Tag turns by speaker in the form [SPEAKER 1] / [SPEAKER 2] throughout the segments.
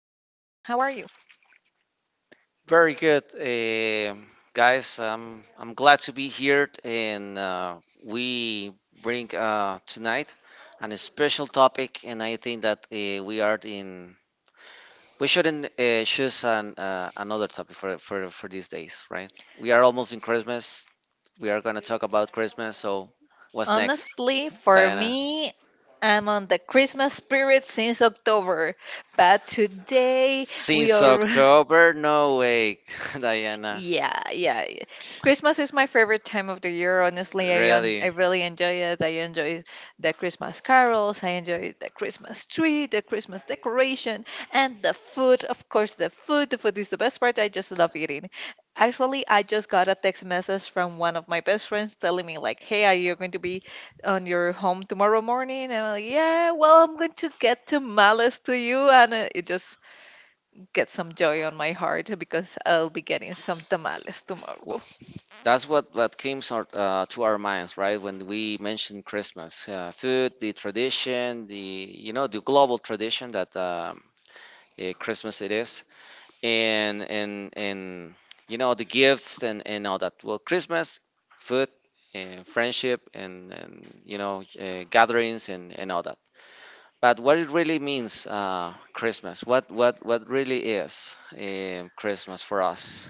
[SPEAKER 1] are you?
[SPEAKER 2] Very good, guys. I'm glad to be here, and we bring tonight an special topic, and I think that we are in. We shouldn't choose an, another topic for, for these days, right? We are almost in Christmas. We are gonna talk about Christmas. So, what's next,
[SPEAKER 1] Honestly, for
[SPEAKER 2] Diana?
[SPEAKER 1] me, I'm on the Christmas spirit since October, but today we
[SPEAKER 2] Since
[SPEAKER 1] are.
[SPEAKER 2] October, no way, Diana.
[SPEAKER 1] Yeah, yeah. Christmas is my favorite time of the year. Honestly, I
[SPEAKER 2] Really?
[SPEAKER 1] really enjoy it. I enjoy the Christmas carols. I enjoy the Christmas tree, the Christmas decoration, and the food. Of course, the food. The food is the best part. I just love eating. Actually, I just got a text message from one of my best friends telling me like, "Hey, are you going to be on your home tomorrow morning?" And I'm like, "Yeah, well, I'm going to get tamales to you." And it just get some joy on my heart because I'll be getting some tamales tomorrow.
[SPEAKER 2] That's what comes our, to our minds, right? When we mention Christmas, food, the tradition, the the global tradition that Christmas it is, and you know the gifts and all that. Well, Christmas, food, and friendship, and you know gatherings and all that. But what it really means, Christmas, what what really is Christmas for us?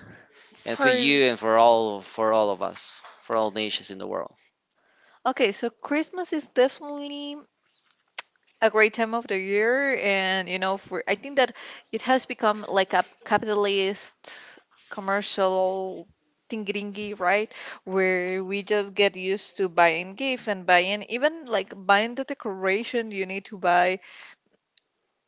[SPEAKER 2] And
[SPEAKER 1] For
[SPEAKER 2] for you and for all of us, for all nations in the world.
[SPEAKER 1] Okay, so Christmas is definitely a great time of the year, and you know, for I think that it has become like a capitalist commercial thingy, right? Where we just get used to buying gift and buying, even like buying the decoration, you need to buy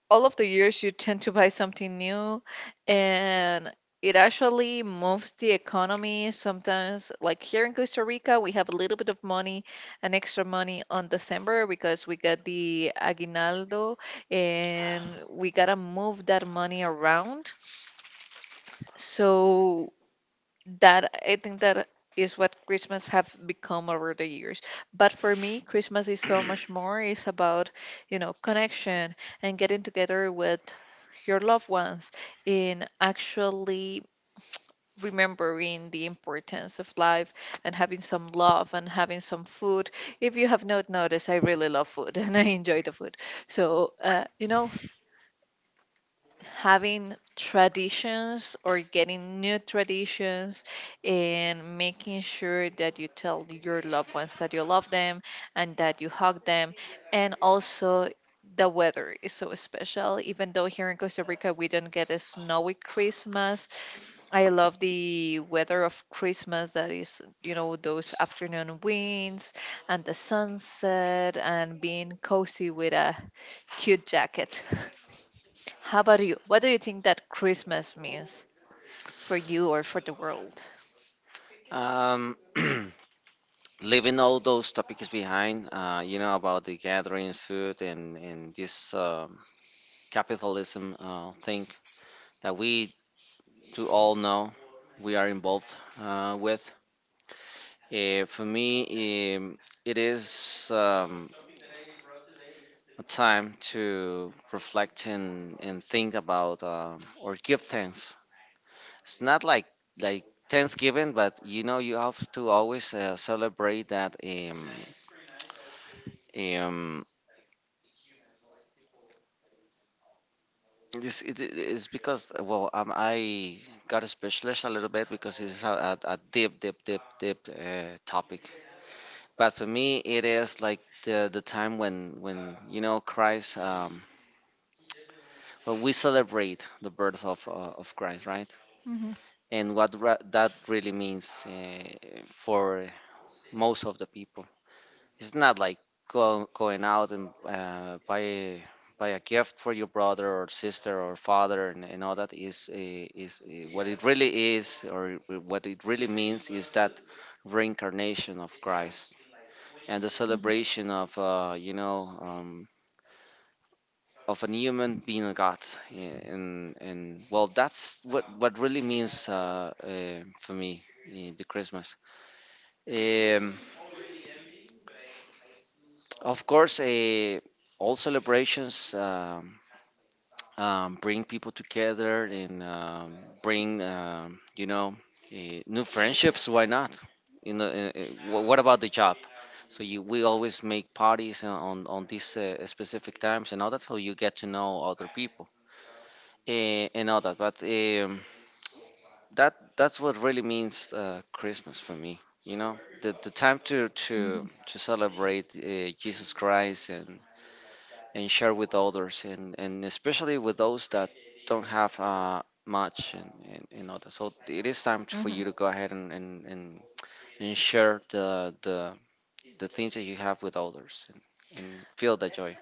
[SPEAKER 1] all of the years you tend to buy something new, and it actually moves the economy. Sometimes like here in Costa Rica, we have a little bit of money, an extra money on December, because we got the aguinaldo and we gotta move that money around. So that I think that is what Christmas have become over the years. But for me, Christmas is so much more. It's about, you know, connection and getting together with your loved ones, in actually remembering the importance of life and having some love and having some food. If you have not noticed, I really love food and I enjoy the food. So, you know, having traditions or getting new traditions and making sure that you tell your loved ones that you love them, and that you hug them, and also the weather is so special. Even though here in Costa Rica we don't get a snowy Christmas, I love the weather of Christmas. That is, you know, those afternoon winds and the sunset and being cozy with a cute jacket. How about you? What do you think that Christmas means for you or for the world?
[SPEAKER 2] Um, leaving all those topics behind, you know about the gathering food and this capitalism thing that we do all know we are involved with. For me, it is a time to reflect and think about or give thanks. It's not like like Thanksgiving, but you know you have to always celebrate that. Um, it's, it, it's because well, I got specialized a little bit because it's a deep, deep, deep, deep topic. But for me, it is like the time when you know Christ. When we celebrate the birth of Christ, right?
[SPEAKER 1] Mhm,
[SPEAKER 2] And what that really means for most of the people. It's not like going out and buy buy a gift for your brother or sister or father and all that is what it really is or what it really means is that reincarnation of Christ and the
[SPEAKER 1] mhm,
[SPEAKER 2] celebration of you know of a human being a God, and well that's what really means for me the Christmas, um, of course all celebrations bring people together and bring you know new friendships, why not? You know, what about the job? So you we always make parties on on these specific times and all that, so you get to know other people, and all that. But that that's what really means christmas for me, you know, the time to to
[SPEAKER 1] mhm,
[SPEAKER 2] to celebrate Jesus Christ and share with others and especially with those that don't have much and others. So it is time for
[SPEAKER 1] mhm.
[SPEAKER 2] you to go ahead and share the things that you have with others and feel that joy.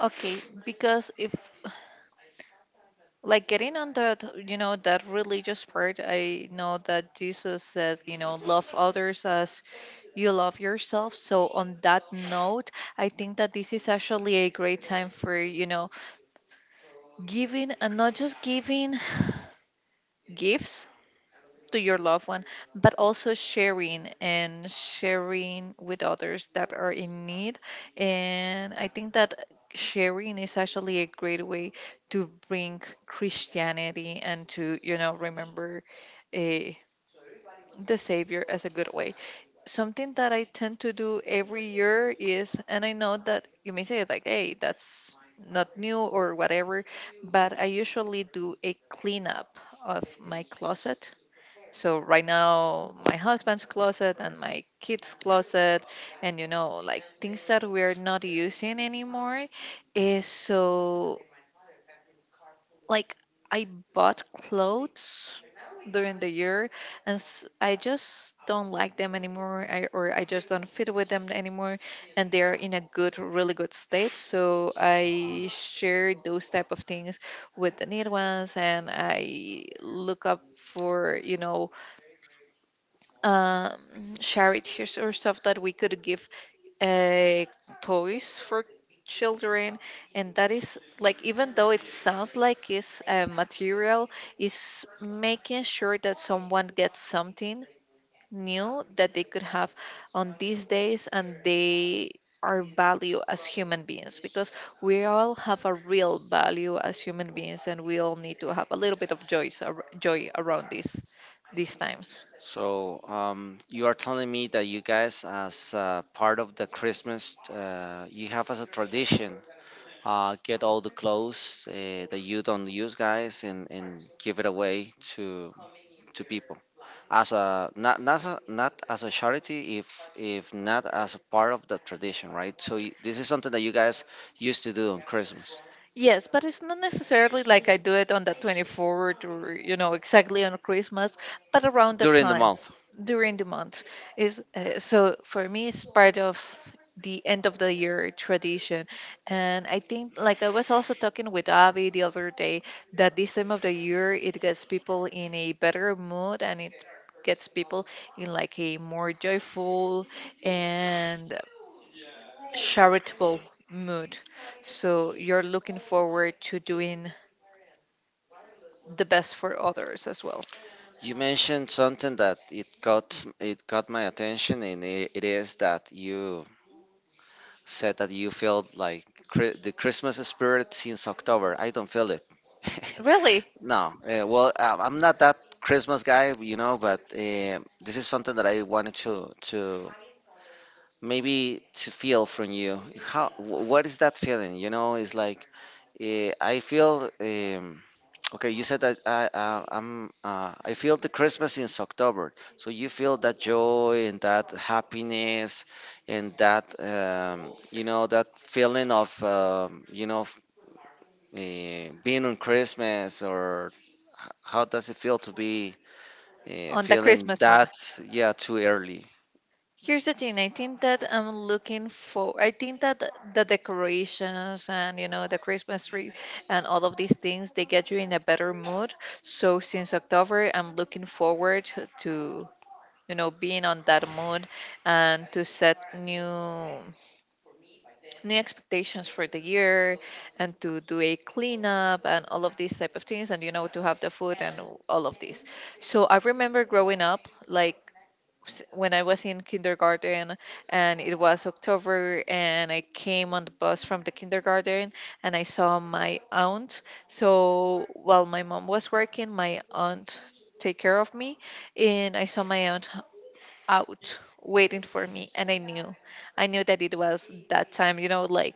[SPEAKER 1] Okay, because if like getting on that, you know, that religious part, I know that Jesus said, you know, love others as you love yourself. So on that note, I think that this is actually a great time for, you know, giving, and not just giving gifts to your loved one, but also sharing and sharing with others that are in need. And I think that sharing is actually a great way to bring Christianity and to, you know, remember a, the Savior as a good way. Something that I tend to do every year is, and I know that you may say, like, hey, that's not new or whatever, but I usually do a cleanup of my closet, so right now, my husband's closet and my kids' closet, and you know, like things that we're not using anymore, is so like I bought clothes during the year, and I just don't like them anymore, I, or I just don't fit with them anymore, and they're in a good, really good state. So I share those type of things with the needed ones, and I look up for, you know, um, charity or stuff that we could give, uh, toys for children, and that is like, even though it sounds like it's material, is making sure that someone gets something new that they could have on these days, and they our value as human beings, because we all have a real value as human beings and we all need to have a little bit of joy, joy around this these times.
[SPEAKER 2] So you are telling me that you guys, as part of the Christmas, you have as a tradition, get all the clothes that you don't use, guys, and give it away to people. As a not not as a, not as a charity, if not as a part of the tradition, right? So this is something that you guys used to do on Christmas
[SPEAKER 1] Yes, but it's not necessarily like I do it on the 24th or, you know, exactly on Christmas, but around the
[SPEAKER 2] during the
[SPEAKER 1] time,
[SPEAKER 2] month.
[SPEAKER 1] during the month is so for me it's part of the end of the year tradition. And I think, like I was also talking with Avi the other day, that this time of the year it gets people in a better mood, and it gets people in like a more joyful and charitable mood. So you're looking forward to doing the best for others as well.
[SPEAKER 2] You mentioned something that it got my attention, and it is that you said that you felt like the Christmas spirit since October. I don't feel it.
[SPEAKER 1] Really,
[SPEAKER 2] No, well, I'm not that Christmas guy, you know, but this is something that I wanted to maybe to feel from you. How what is that feeling? You know, it's like I feel okay, you said that I I feel the Christmas since October, so you feel that joy and that happiness and that you know that feeling of you know being on Christmas. Or how does it feel to be
[SPEAKER 1] on the
[SPEAKER 2] feeling
[SPEAKER 1] Christmas one.
[SPEAKER 2] that? Yeah, too early.
[SPEAKER 1] Here's the thing, I think that I'm looking for, I think that the decorations and you know the Christmas tree and all of these things, they get you in a better mood. So since October I'm looking forward to, you know, being on that mood, and to set new expectations for the year, and to do a cleanup and all of these type of things, and you know, to have the food and all of this. So I remember growing up, like when I was in kindergarten, and it was October and I came on the bus from the kindergarten, and I saw my aunt. So while my mom was working, my aunt take care of me, and I saw my aunt out waiting for me, and I knew that it was that time, you know,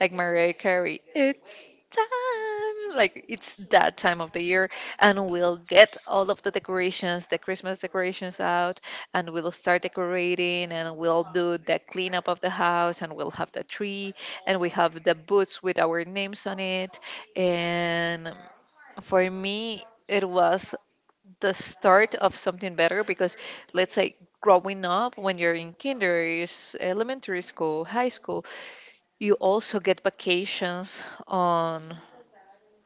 [SPEAKER 1] like Mariah Carey, it's time. Like, it's that time of the year, and we'll get all of the decorations, the Christmas decorations out, and we'll start decorating, and we'll do the cleanup of the house, and we'll have the tree, and we have the boots with our names on it. And for me, it was the start of something better, because let's say growing up when you're in kinder, elementary school, high school, you also get vacations on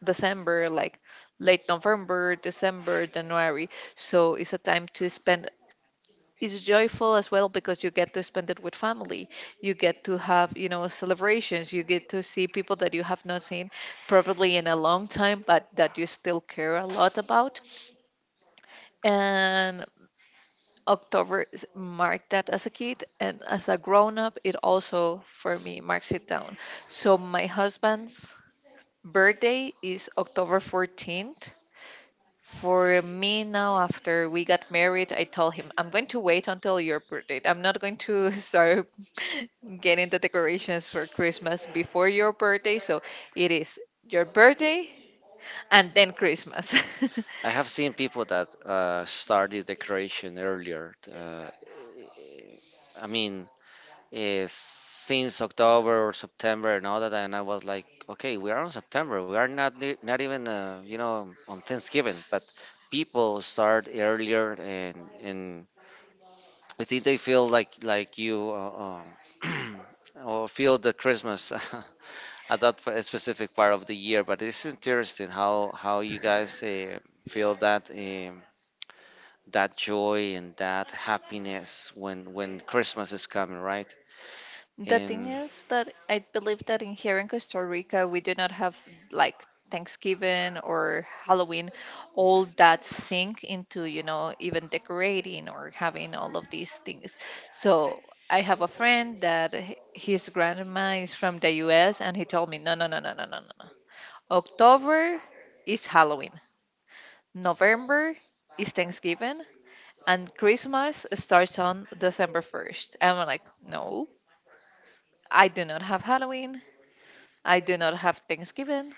[SPEAKER 1] December, like late November, December, January. So it's a time to spend. It's joyful as well because you get to spend it with family. You get to have, you know, celebrations. You get to see people that you have not seen probably in a long time, but that you still care a lot about. And October marked that as a kid, and as a grown up, it also for me marks it down. So my husband's birthday is October 14th. For me now, after we got married, I told him, I'm going to wait until your birthday. I'm not going to start getting the decorations for Christmas before your birthday. So it is your birthday and then Christmas.
[SPEAKER 2] I have seen people that started decoration earlier. I mean, is since October or September and all that, and I was like, okay, we are on September. We are not not even you know on Thanksgiving, but people start earlier, and I think they feel like you, um, or feel the Christmas at that specific part of the year. But it's interesting how you guys feel that. That joy and that happiness when Christmas is coming, right?
[SPEAKER 1] The thing
[SPEAKER 2] And
[SPEAKER 1] is that I believe that in here in Costa Rica, we do not have like Thanksgiving or Halloween, all that sink into, you know, even decorating or having all of these things. So I have a friend that his grandma is from the US, and he told me, no, no, no, no, no, no, no, no. October is Halloween, November is Thanksgiving, and Christmas starts on December 1st. And I'm like, no, I do not have Halloween. I do not have Thanksgiving.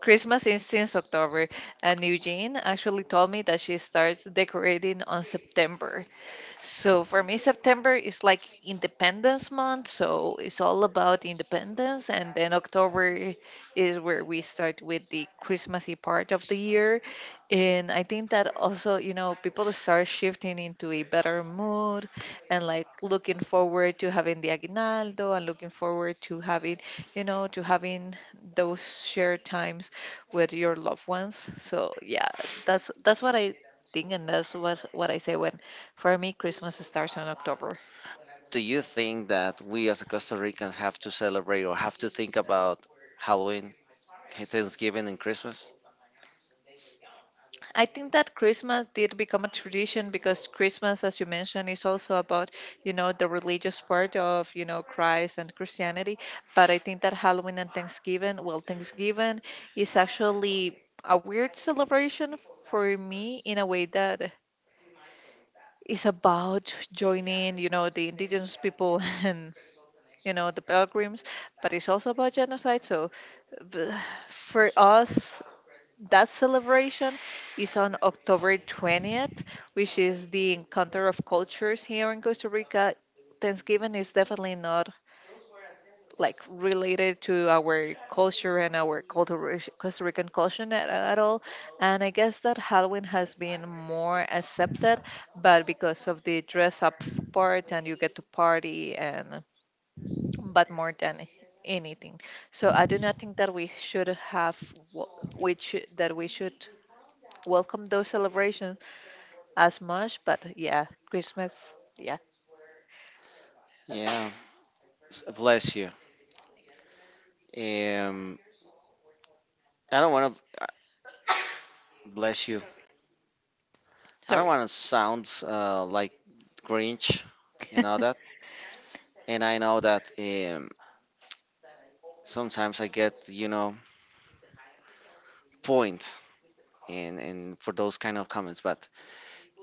[SPEAKER 1] Christmas is since October, and Eugene actually told me that she starts decorating on September. So for me, September is like Independence Month, so it's all about independence. And then October is where we start with the Christmassy part of the year. And I think that also, you know, people start shifting into a better mood, and like looking forward to having the aguinaldo, and looking forward to having, you know, to having those shared times with your loved ones. So yeah, that's what I think, and that's what I say when for me, Christmas starts on October.
[SPEAKER 2] do you think that we, as Costa Ricans, have to celebrate or have to think about Halloween, Thanksgiving, and Christmas?
[SPEAKER 1] I think that Christmas did become a tradition, because Christmas, as you mentioned, is also about, you know, the religious part of, you know, Christ and Christianity. But I think that Halloween and Thanksgiving, well, Thanksgiving is actually a weird celebration for me, in a way that is about joining, you know, the indigenous people and, you know, the pilgrims, but it's also about genocide. So b- for us, that celebration is on October 20th, which is the encounter of cultures here in Costa Rica. Thanksgiving is definitely not like related to our culture, and our culture, Costa Rican culture, at all. And I guess that Halloween has been more accepted, but because of the dress up part and you get to party and but more than anything. So I do not think that we should have wh- which that we should welcome those celebrations as much, but yeah, Christmas, yeah,
[SPEAKER 2] Yeah, bless you. Um, I don't want to bless you. I don't
[SPEAKER 1] sorry.
[SPEAKER 2] want to sound like Grinch and all that. And I know that sometimes I get, you know, point in for those kind of comments. But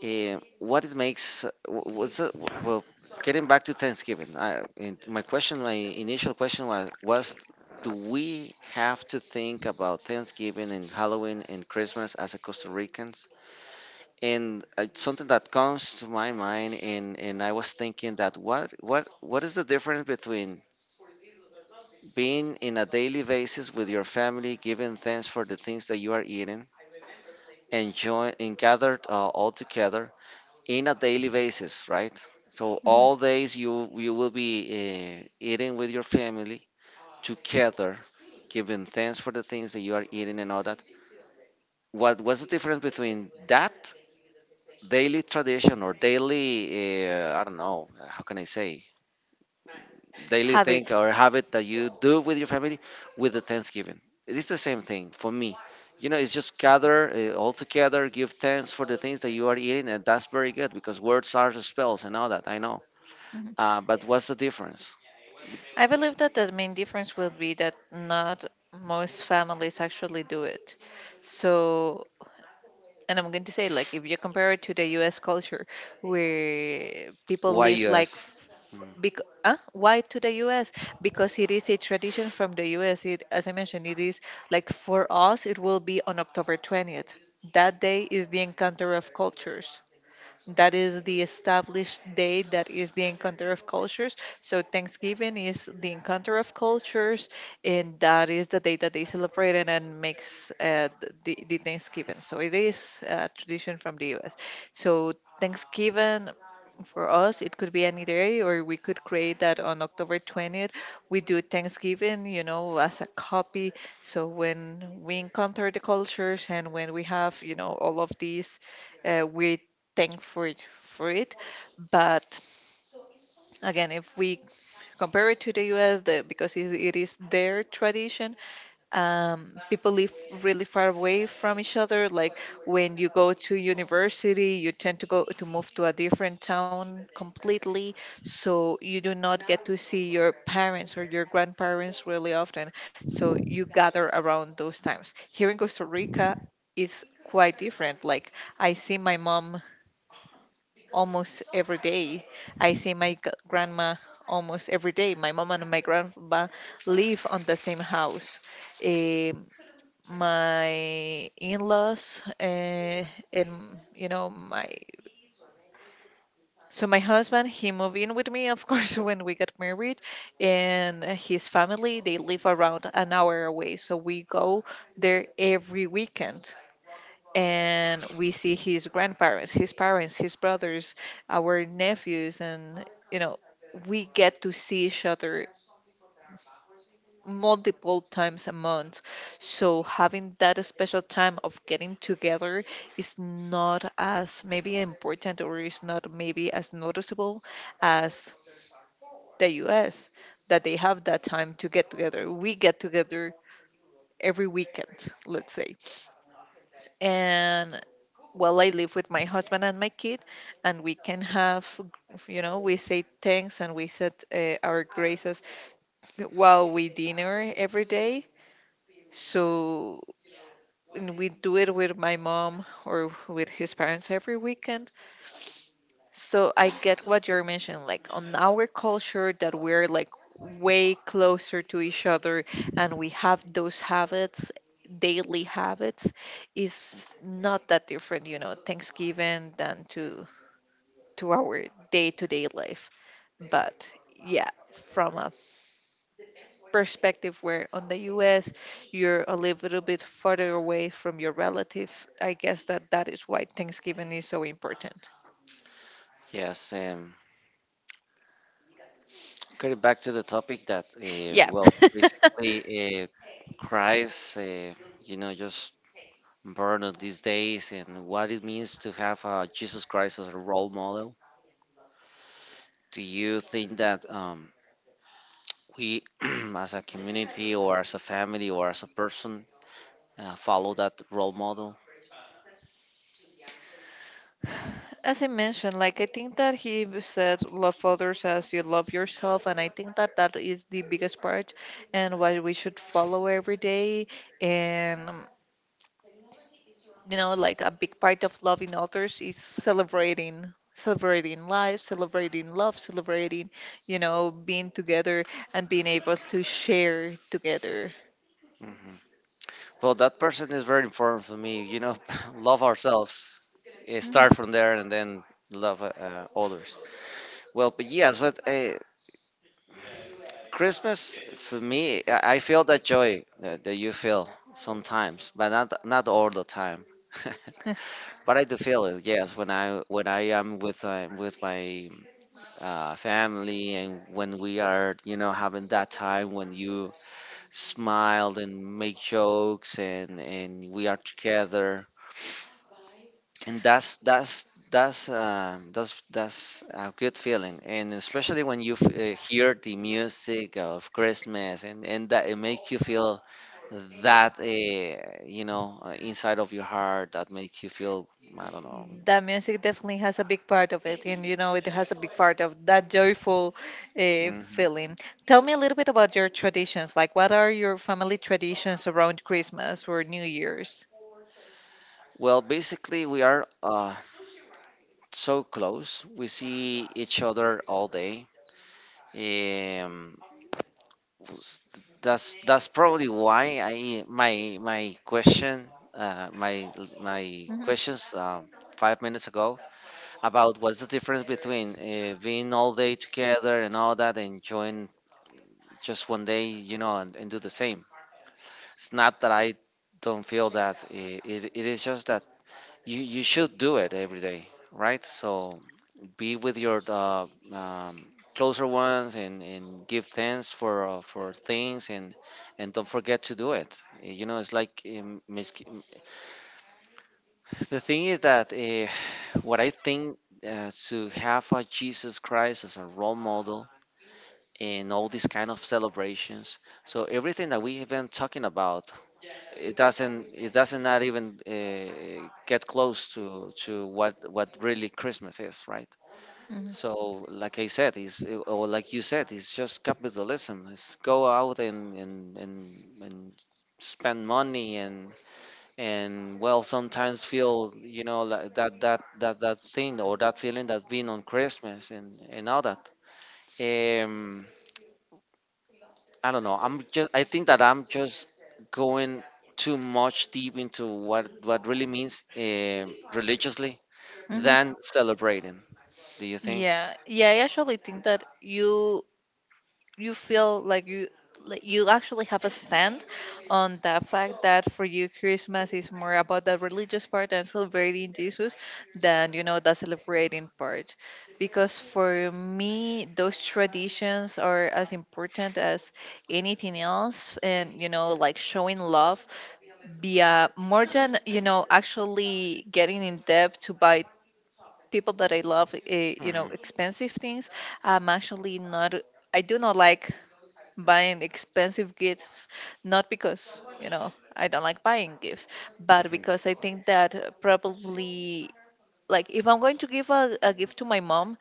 [SPEAKER 2] What it makes well, getting back to Thanksgiving, I, and my question, my initial question was, do we have to think about Thanksgiving and Halloween and Christmas as a Costa Ricans? And something that comes to my mind, and I was thinking that what is the difference between being in a daily basis with your family, giving thanks for the things that you are eating, enjoy and gathered all together in a daily basis, right? So
[SPEAKER 1] Mhm.
[SPEAKER 2] all days you you will be eating with your family together, giving thanks for the things that you are eating and all that. What what's the difference between that daily tradition or daily I don't know how can I say, daily
[SPEAKER 1] Have
[SPEAKER 2] thing or habit that you do with your family with the Thanksgiving? It is the same thing for me. You know, it's just gather all together, give thanks for the things that you are eating, and that's very good because words are spells and all that, I know.
[SPEAKER 1] Mhm.
[SPEAKER 2] But what's the difference?
[SPEAKER 1] I believe that the main difference will be that not most families actually do it. So, and I'm going to say, like, if you compare it to the US culture, where people
[SPEAKER 2] Why
[SPEAKER 1] live like,
[SPEAKER 2] US? Mm,
[SPEAKER 1] why to the US? Because it is a tradition from the US. It, as I mentioned, it is like for us, it will be on October 20th. That day is the encounter of cultures. That is the established day that is the encounter of cultures. So Thanksgiving is the encounter of cultures, and that is the day that they celebrate it and makes the Thanksgiving. So it is a tradition from the U.S. So Thanksgiving for us, it could be any day, or we could create that on October 20th. We do Thanksgiving, you know, as a copy. So when we encounter the cultures and when we have, you know, all of these, we thankful for it. But again, if we compare it to the US, because it is their tradition, people live really far away from each other. Like when you go to university, you tend to go to move to a different town completely. So you do not get to see your parents or your grandparents really often. So you gather around those times. Here in Costa Rica, it's quite different. Like I see my mom almost every day. I see my grandma almost every day. My mom and my grandpa live on the same house. Eh, my in-laws, and, you know, my so my husband he moved in with me, of course, when we got married, and his family they live around an hour away, so we go there every weekend and we see his grandparents, his parents, his brothers, our nephews, and, you know, we get to see each other multiple times a month. So having that special time of getting together is not as maybe important, or is not maybe as noticeable as the US, that they have that time to get together. We get together every weekend, let's say. And, well, I live with my husband and my kid, and we can have, you know, we say thanks and we said our graces while we dinner every day. So and we do it with my mom or with his parents every weekend. So I get what you're mentioning, like on our culture that we're like way closer to each other and we have those habits, daily habits, is not that different, you know, Thanksgiving than to our day to day life. But yeah, from a perspective where on the US you're a little bit further away from your relative, I guess that that is why Thanksgiving is so important.
[SPEAKER 2] yes. Okay, back to the topic that,
[SPEAKER 1] Yeah.
[SPEAKER 2] well, basically, Christ, you know, just burden these days and what it means to have Jesus Christ as a role model. Do you think that we, as a community or as a family or as a person, follow that role model?
[SPEAKER 1] As I mentioned, like I think that he said, "Love others as you love yourself," and I think that that is the biggest part, and what we should follow every day. And, you know, like a big part of loving others is celebrating life, celebrating love, celebrating, you know, being together and being able to share together.
[SPEAKER 2] Mm-hmm. Well, that person is very important for me. You know, love ourselves,
[SPEAKER 1] Mhm.
[SPEAKER 2] start from there, and then love others. Well, but yes, but Christmas for me, I feel that joy that, that you feel sometimes, but not not all the time. But I do feel it, yes, when I am with my family and when we are, you know, having that time when you smile and make jokes and we are together, and that's a good feeling, and especially when you hear the music of Christmas and that, it makes you feel that you know inside of your heart, that makes you feel, I don't know.
[SPEAKER 1] That music definitely has a big part of it, and you know it has a big part of that joyful
[SPEAKER 2] Mhm.
[SPEAKER 1] feeling. Tell me a little bit about your traditions, like what are your family traditions around Christmas or New Year's?
[SPEAKER 2] Well, basically we are so close, we see each other all day. um, S- that's probably why I my my question, my my
[SPEAKER 1] Mhm,
[SPEAKER 2] questions 5 minutes ago about what's the difference between being all day together and all that and enjoying just one day, you know, and do the same. It's not that I don't feel that, it is just that you should do it every day, right? So be with your closer ones and give thanks for things and don't forget to do it. You know, it's like the thing is that what I think to have a Jesus Christ as a role model in all these kind of celebrations. So everything that we have been talking about, it doesn't not even get close to what really Christmas is, right?
[SPEAKER 1] mhm,
[SPEAKER 2] So, like I said, is or like you said, it's just capitalism. It's go out and and spend money and well, sometimes feel, you know, like that that thing or that feeling that being on Christmas and all that. Um, I don't know. I'm just I think that I'm just going too much deep into what really means religiously than
[SPEAKER 1] mhm.
[SPEAKER 2] celebrating. Do you think?
[SPEAKER 1] Yeah, yeah, I actually think that you feel like you actually have a stand on the fact that for you Christmas is more about the religious part and celebrating Jesus than, you know, the celebrating part, because for me those traditions are as important as anything else, and, you know, like showing love via more than, you know, actually getting in debt to buy people that I love you know
[SPEAKER 2] hmm
[SPEAKER 1] expensive things. I'm actually not, I do not like buying expensive gifts, not because, you know, I don't like buying gifts, but
[SPEAKER 2] hmm
[SPEAKER 1] because I think that probably, like, if I'm going to give a gift to my mom,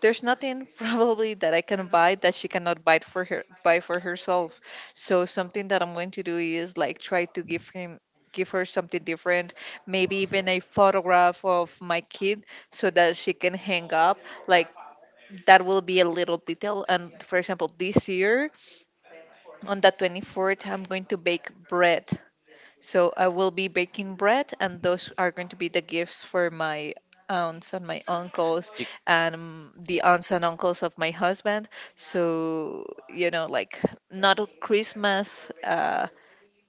[SPEAKER 1] there's nothing probably that I can buy that she cannot buy for herself. So something that I'm going to do is like try to give her something different, maybe even a photograph of my kid so that she can hang up. Like that will be a little detail. And for example, this year on the 24th, I'm going to bake bread. So I will be baking bread, and those are going to be the gifts for my aunts and my uncles
[SPEAKER 2] Y-
[SPEAKER 1] and the aunts and uncles of my husband. So, you know, like not a Christmas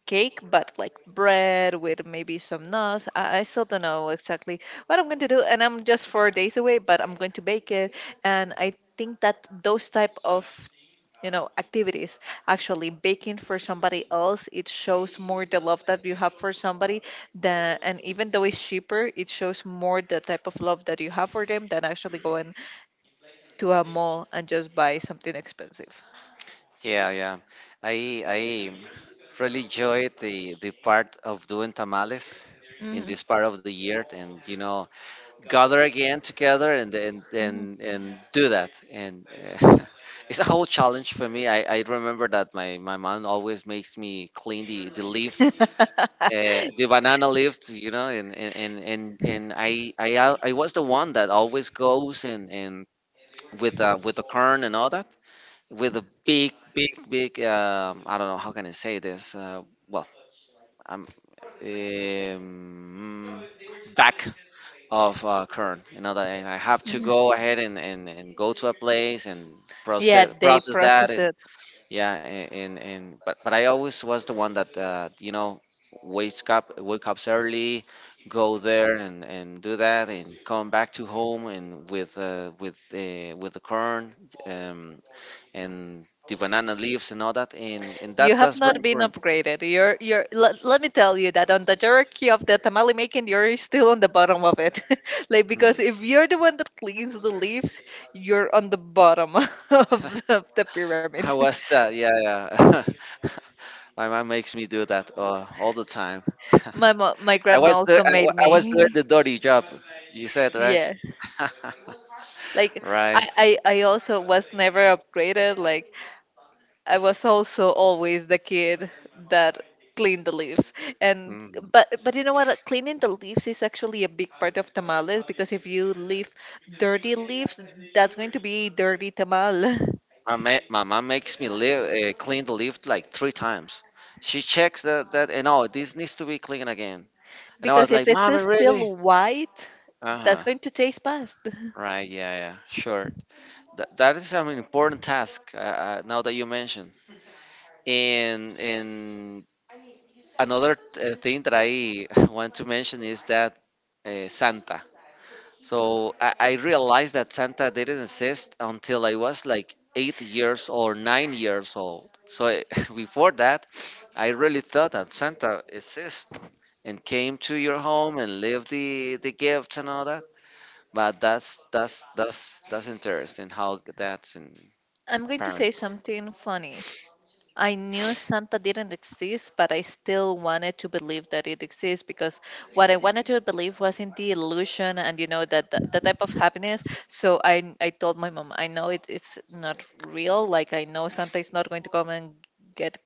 [SPEAKER 1] cake, but like bread with maybe some nuts. I still don't know exactly what I'm going to do, and I'm just 4 days away, but I'm going to bake it. And I think that those type of, you know, activities, actually baking for somebody else, it shows more the love that you have for somebody than, and even though it's cheaper, it shows more the type of love that you have for them than actually going to a mall and just buy something expensive.
[SPEAKER 2] Yeah, yeah. I I really enjoyed the part of doing tamales in
[SPEAKER 1] Hmm,
[SPEAKER 2] this part of the year, and you know, gather again together and
[SPEAKER 1] hmm.
[SPEAKER 2] and do that. And uh, it's a whole challenge for me. I remember that my mom always makes me clean the leaves, the banana leaves, you know, and I I was the one that always goes and with the corn and all that with a big, big, big. I don't know how can I say this. Well, I'm um, back of Kern. You know that I have to
[SPEAKER 1] Mhm.
[SPEAKER 2] go ahead and go to a place and
[SPEAKER 1] Yeah,
[SPEAKER 2] process
[SPEAKER 1] they
[SPEAKER 2] process that.
[SPEAKER 1] process
[SPEAKER 2] And
[SPEAKER 1] it.
[SPEAKER 2] yeah, and but I always was the one that you know, wake up early, go there and do that and come back to home and with the Kern. Um, and the banana leaves and all that, and
[SPEAKER 1] You have
[SPEAKER 2] that's very
[SPEAKER 1] not been
[SPEAKER 2] important.
[SPEAKER 1] upgraded. You're, let me tell you that on the hierarchy of the tamale making, you're still on the bottom of it. Like
[SPEAKER 2] Mm.
[SPEAKER 1] because if you're the one that cleans the leaves, you're on the bottom of of the pyramid.
[SPEAKER 2] How was that? Yeah, yeah. My mom makes me do that all the time.
[SPEAKER 1] My
[SPEAKER 2] I
[SPEAKER 1] grandma
[SPEAKER 2] was the
[SPEAKER 1] also made
[SPEAKER 2] I was doing
[SPEAKER 1] me.
[SPEAKER 2] the dirty job. You said right,
[SPEAKER 1] Yeah. Like
[SPEAKER 2] right.
[SPEAKER 1] I also was never upgraded. Like I was also always the kid that cleaned the leaves. And
[SPEAKER 2] Mm.
[SPEAKER 1] but you know what? Cleaning the leaves is actually a big part of tamales because if you leave dirty leaves, that's going to be a dirty tamal.
[SPEAKER 2] My mom makes me live clean the lift like three times. She checks that and oh, this needs to be clean again. And I
[SPEAKER 1] Because
[SPEAKER 2] was
[SPEAKER 1] if
[SPEAKER 2] like,
[SPEAKER 1] it's
[SPEAKER 2] "Mom, really?"
[SPEAKER 1] still white,
[SPEAKER 2] Uh
[SPEAKER 1] that's
[SPEAKER 2] huh.
[SPEAKER 1] going to taste best.
[SPEAKER 2] Right. Yeah. Yeah. Sure. That is an important task now that you mention. And another thing that I want to mention is that Santa. So I realized that Santa didn't exist until I was like 8 years or 9 years old. So before that, I really thought that Santa exists and came to your home and lived the gifts and all that. But that's interesting how that's in
[SPEAKER 1] I'm going to say
[SPEAKER 2] parents.
[SPEAKER 1] something funny. I knew Santa didn't exist, but I still wanted to believe that it exists, because what I wanted to believe was in the illusion and, you know, that that type of happiness. So I told my mom I know it's not real. Like I know Santa is not going to come and get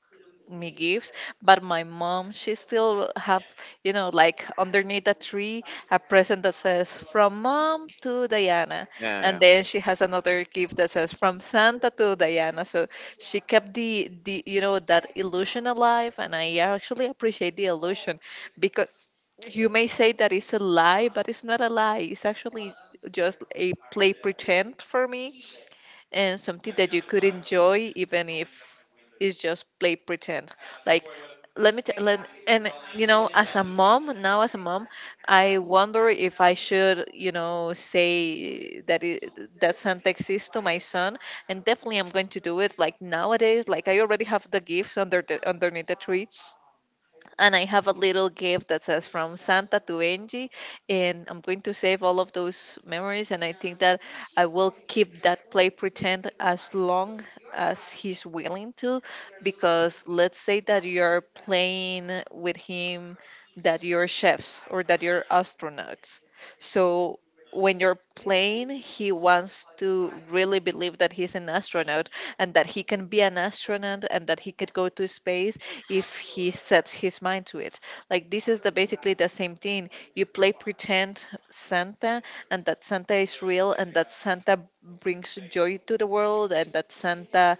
[SPEAKER 1] me gifts, but my mom she still have, you know, like underneath a tree a present that says from mom to Diana,
[SPEAKER 2] Yeah,
[SPEAKER 1] and then
[SPEAKER 2] yeah.
[SPEAKER 1] she has another gift that says from Santa to Diana, so she kept the, you know, that illusion alive, and I actually appreciate the illusion because you may say that it's a lie, but it's not a lie, it's actually just a play pretend for me, and something that you could enjoy even if it's just play pretend. Like, let and, you know, as a mom now, as a mom, I wonder if I should, you know, say that it, that Santa exists to my son, and definitely I'm going to do it. Like nowadays, like I already have the gifts underneath the tree, and I have a little gift that says from Santa to Angie, and I'm going to save all of those memories. And I think that I will keep that play pretend as long as he's willing to, because let's say that you're playing with him that you're chefs or that you're astronauts. So when you're playing, he wants to really believe that he's an astronaut and that he can be an astronaut and that he could go to space if he sets his mind to it. Like this is the basically the same thing. You play pretend Santa and that Santa is real and that Santa brings joy to the world and that Santa,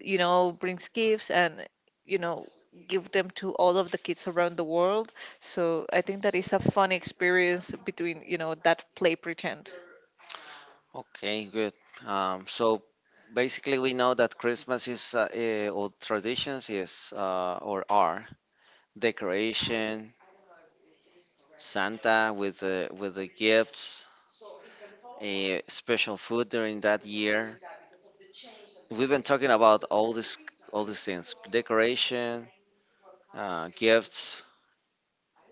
[SPEAKER 1] you know, brings gifts and, you know, give them to all of the kids around the world. So I think that is a fun experience between, you know, that play pretend.
[SPEAKER 2] Okay, good. So basically, we know that Christmas is or traditions is or are decoration, Santa with the gifts, a special food during that year. We've been talking about all these things: decoration, gifts,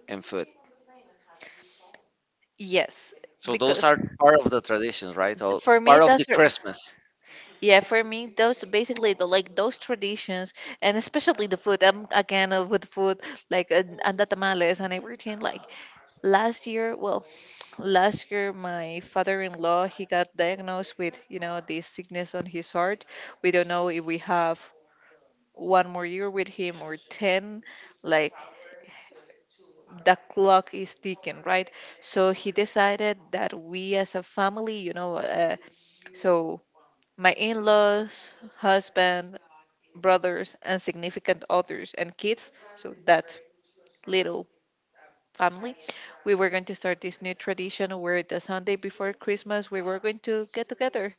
[SPEAKER 2] and food.
[SPEAKER 1] Yes,
[SPEAKER 2] So those
[SPEAKER 1] because
[SPEAKER 2] are part of the traditions, right? Or
[SPEAKER 1] for me
[SPEAKER 2] part of the Christmas.
[SPEAKER 1] yeah, for me, those basically the like those traditions, and especially the food. I'm again with food, like and the tamales and everything. Like last year, well, last year my father-in-law he got diagnosed with, you know, this sickness on his heart. We don't know if we have one more year with him or 10. Like the clock is ticking, right? So he decided that we as a family, you know, so my in-laws, husband, brothers, and significant others and kids, so that little family, we were going to start this new tradition where the Sunday before Christmas we were going to get together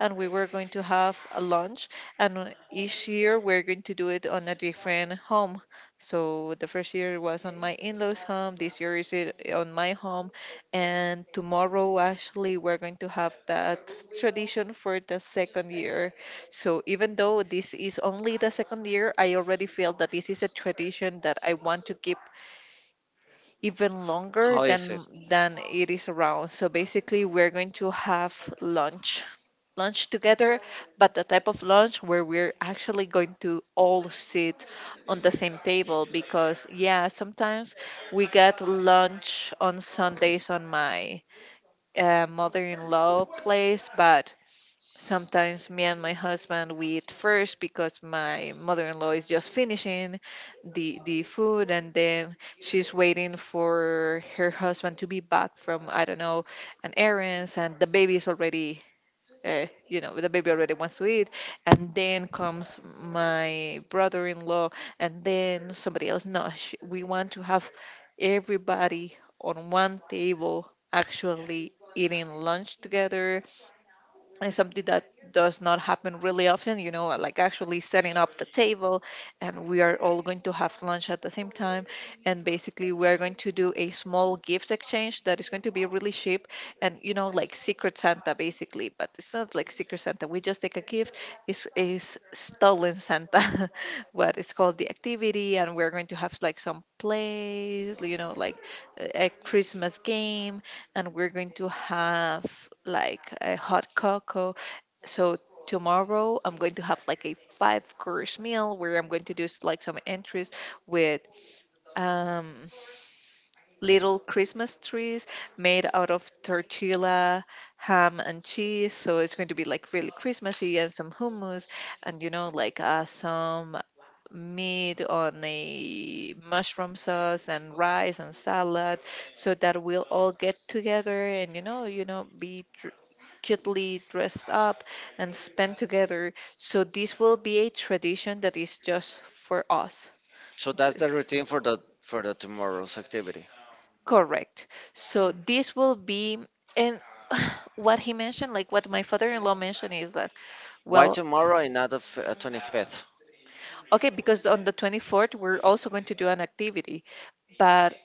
[SPEAKER 1] and we were going to have a lunch. And each year we're going to do it on a different home. So the first year was on my in laws' home, this year is it on my home. And tomorrow, actually, we're going to have that tradition for the second year. So even though this is only the second year, I already feel that this is a tradition that I want to keep even longer
[SPEAKER 2] How is
[SPEAKER 1] than
[SPEAKER 2] it?
[SPEAKER 1] than it is around. So basically, we're going to have lunch lunch together, but the type of lunch where we're actually going to all sit on the same table because yeah, sometimes we get lunch on Sundays on my mother-in-law place. But sometimes me and my husband we eat first because my mother-in-law is just finishing the food, and then she's waiting for her husband to be back from I don't know an errands, and the baby is already the baby already wants to eat, and then comes my brother-in-law and then somebody else. No sh We want to have everybody on one table actually eating lunch together. Is something that does not happen really often, you know, like actually setting up the table and we are all going to have lunch at the same time. And basically, we are going to do a small gift exchange that is going to be really cheap and, you know, like Secret Santa basically, but it's not like Secret Santa. We just take a gift, it's stolen Santa, what is called the activity. And we're going to have like some plays, you know, like a Christmas game, and we're going to have like a hot cocoa. So tomorrow I'm going to have like a five course meal where I'm going to do like some entries with um little Christmas trees made out of tortilla, ham, and cheese. So it's going to be like really Christmassy, and some hummus and, you know, like some meat on a mushroom sauce and rice and salad, so that we'll all get together and be cutely dressed up and spend together. So this will be a tradition that is just for us.
[SPEAKER 2] So that's the routine for the tomorrow's activity.
[SPEAKER 1] Correct. So
[SPEAKER 2] Mm.
[SPEAKER 1] this will be, and what he mentioned, like what my father-in-law mentioned, is that,
[SPEAKER 2] Why
[SPEAKER 1] well,
[SPEAKER 2] tomorrow and not the 25th?
[SPEAKER 1] okay, because on the 24th, we're also going to do an activity. But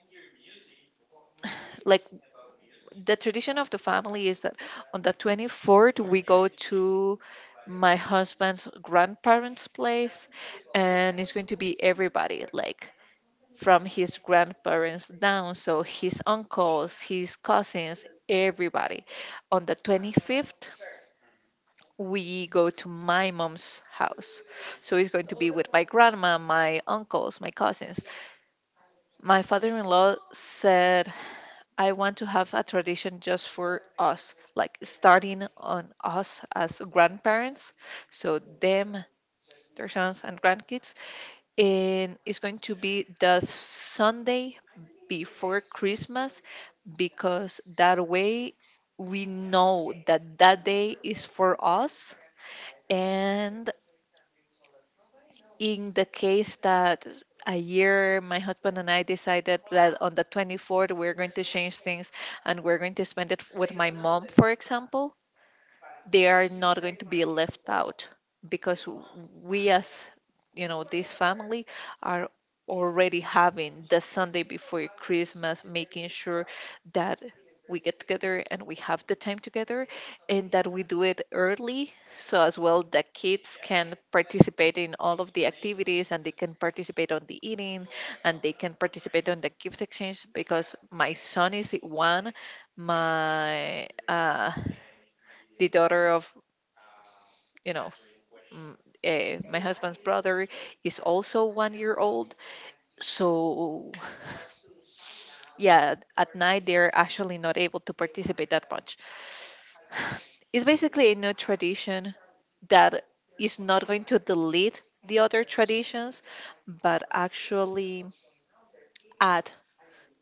[SPEAKER 1] like the tradition of the family is that on the 24th, we go to my husband's grandparents' place, and it's going to be everybody, like from his grandparents down. So his uncles, his cousins, everybody. On the 25th, we go to my mom's house. So it's going to be with my grandma, my uncles, my cousins. My father in law said, I want to have a tradition just for us, like starting on us as grandparents. So, them, their sons, and grandkids. And it's going to be the Sunday before Christmas, because that way we know that that day is for us, and in the case that a year my husband and I decided that on the 24th we're going to change things and we're going to spend it with my mom, for example, they are not going to be left out because we, as you know, this family are already having the Sunday before Christmas, making sure that we get together and we have the time together, and that we do it early so as well the kids can participate in all of the activities and they can participate on the eating and they can participate on the gift exchange. Because my son is one, my the daughter of you know mm, my husband's brother is also 1 year old. So yeah, at night they're actually not able to participate that much. It's basically a new tradition that is not going to delete the other traditions, but actually add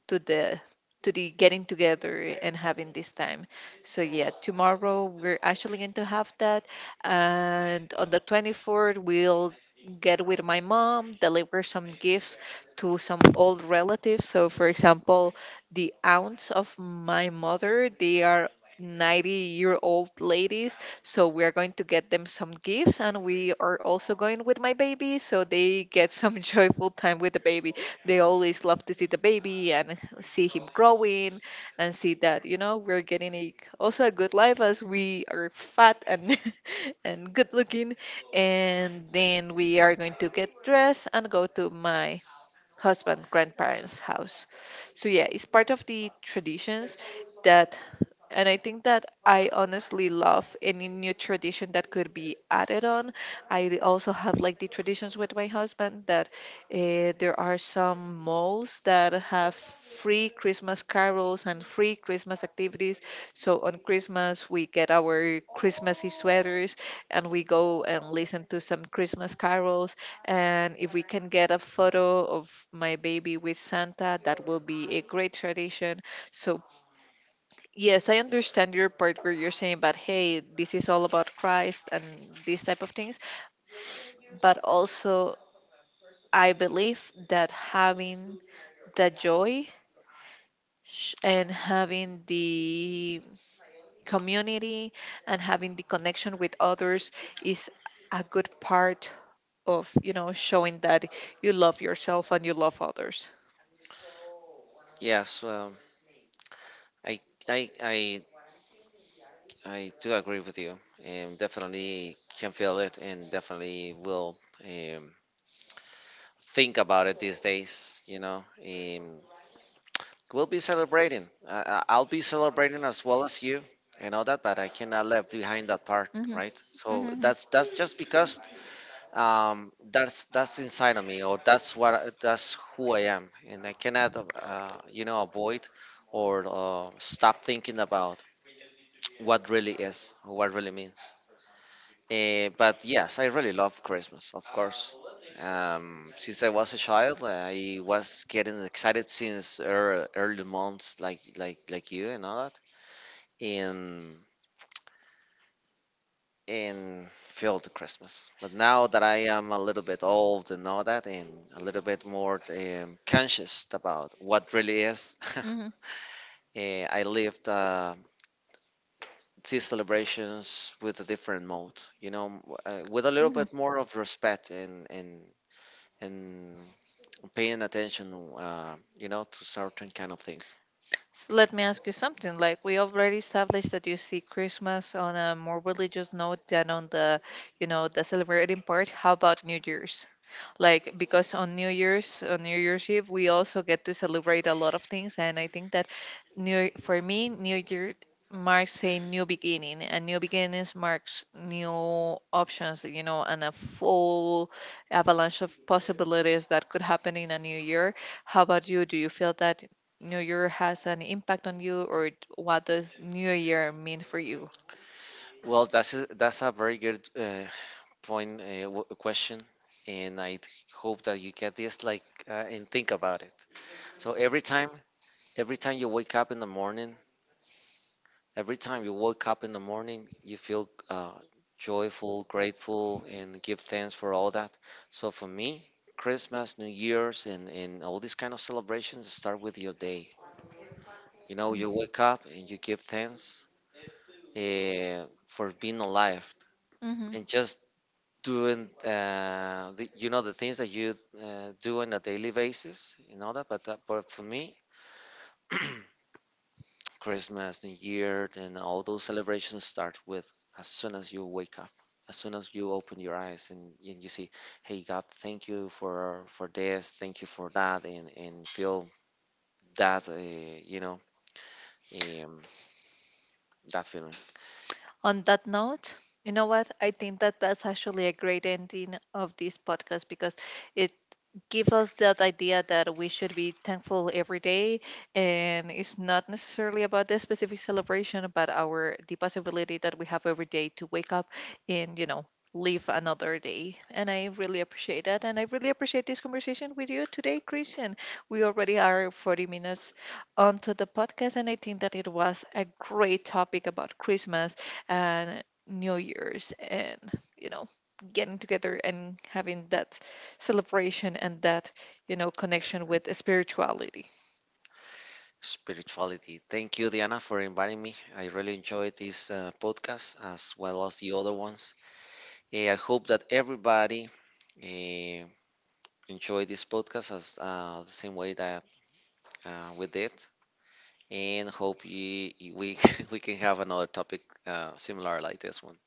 [SPEAKER 1] to the to the getting together and having this time. So yeah, tomorrow we're actually going to have that, and on the 24th we'll get with my mom, deliver some gifts to some old relatives. So for example, the aunts of my mother, they are 90-year-old ladies, so we are going to get them some gifts, and we are also going with my baby so they get some joyful time with the baby. They always love to see the baby and see him growing and see that, you know, we're getting a, also a good life as we are fat and and good looking. And then we are going to get dressed and go to my husband grandparents house. So yeah, it's part of the traditions that, and I think that I honestly love any new tradition that could be added on. I also have like the traditions with my husband that there are some malls that have free Christmas carols and free Christmas activities. So on Christmas, we get our Christmassy sweaters and we go and listen to some Christmas carols. And if we can get a photo of my baby with Santa, that will be a great tradition. So yes, I understand your part where you're saying about, hey, this is all about Christ and these type of things. But also, I believe that having the joy and having the community and having the connection with others is a good part of, you know, showing that you love yourself and you love others.
[SPEAKER 2] Yes, I, I, I, I do agree with you, and definitely can feel it, and definitely will um, think about it these days. You know, we'll be celebrating. I'll be celebrating as well as you and all that, but I cannot leave behind that part,
[SPEAKER 1] Hmm.
[SPEAKER 2] right? So
[SPEAKER 1] Hmm.
[SPEAKER 2] that's just because that's inside of me or that's what that's who I am and I cannot you know, avoid or stop thinking about what really is, what really means. But yes, I really love Christmas, of course. Since I was a child, I was getting excited since early months, like you and all that, and feel the Christmas. But now that I am a little bit old and all that, and a little bit more conscious about what really is, I lived these celebrations with a different mode, you know, with a little
[SPEAKER 1] Hmm. Hmm.
[SPEAKER 2] bit more of respect and paying attention, you know, to certain kind of things.
[SPEAKER 1] So let me ask you something. Like we already established that you see Christmas on a more religious note than on the, you know, the celebrating part. How about New Year's? Like, because on New Year's, on New Year's Eve, we also get to celebrate a lot of things, and I think that new for me new year marks a new beginning, and new beginnings marks new options, you know, and a full avalanche of possibilities that could happen in a new year. How about you? Do you feel that new year has an impact on you, or what does new year mean for you?
[SPEAKER 2] Well, that's a very good point, question, and I hope that you get this like, and think about it. So every time you wake up in the morning, every time you wake up in the morning, you feel joyful, grateful, and give thanks for all that. So for me, Christmas, New Year's, and all these kind of celebrations start with your day. You know, you wake up and you give thanks for being alive and just doing, you know, the things that you do on a daily basis and all that. But for me, Christmas, New Year, and all those celebrations start with, as soon as you wake up, as soon as you open your eyes and you see, hey God, thank you for this, thank you for that, and feel that you know, um, that feeling
[SPEAKER 1] On that note, you know what? I think that that's actually a great ending of this podcast, because it give us that idea that we should be thankful every day, and it's not necessarily about the specific celebration, but our the possibility that we have every day to wake up and, you know, live another day. And I really appreciate that, and I really appreciate this conversation with you today, Christian. We already are 40 minutes onto the podcast, and I think that it was a great topic about Christmas and New Year's and, you know, getting together and having that celebration and that, you know, connection with spirituality.
[SPEAKER 2] spirituality. Thank you, Diana, for inviting me. I really enjoyed this podcast as well as the other ones. I hope that everybody uh, enjoyed this podcast as the same way that we did. And hope we we can have another topic similar like this one.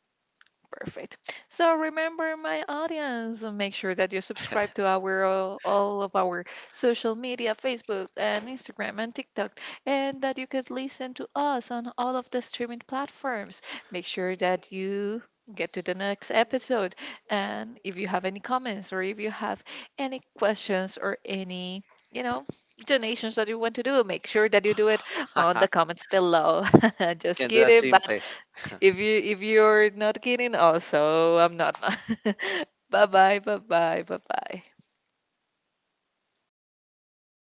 [SPEAKER 1] Perfect. So remember, my audience, make sure that you subscribe to our all of our social media, Facebook and Instagram and TikTok, and that you could listen to us on all of the streaming platforms. Make sure that you get to the next episode. And if you have any comments or if you have any questions or any, you know, donations that you want to do, make sure that you do it on the comments below.
[SPEAKER 2] You
[SPEAKER 1] Just
[SPEAKER 2] can do a
[SPEAKER 1] kidding, but
[SPEAKER 2] simple.
[SPEAKER 1] if you're not kidding, also I'm not. Bye bye bye bye bye bye.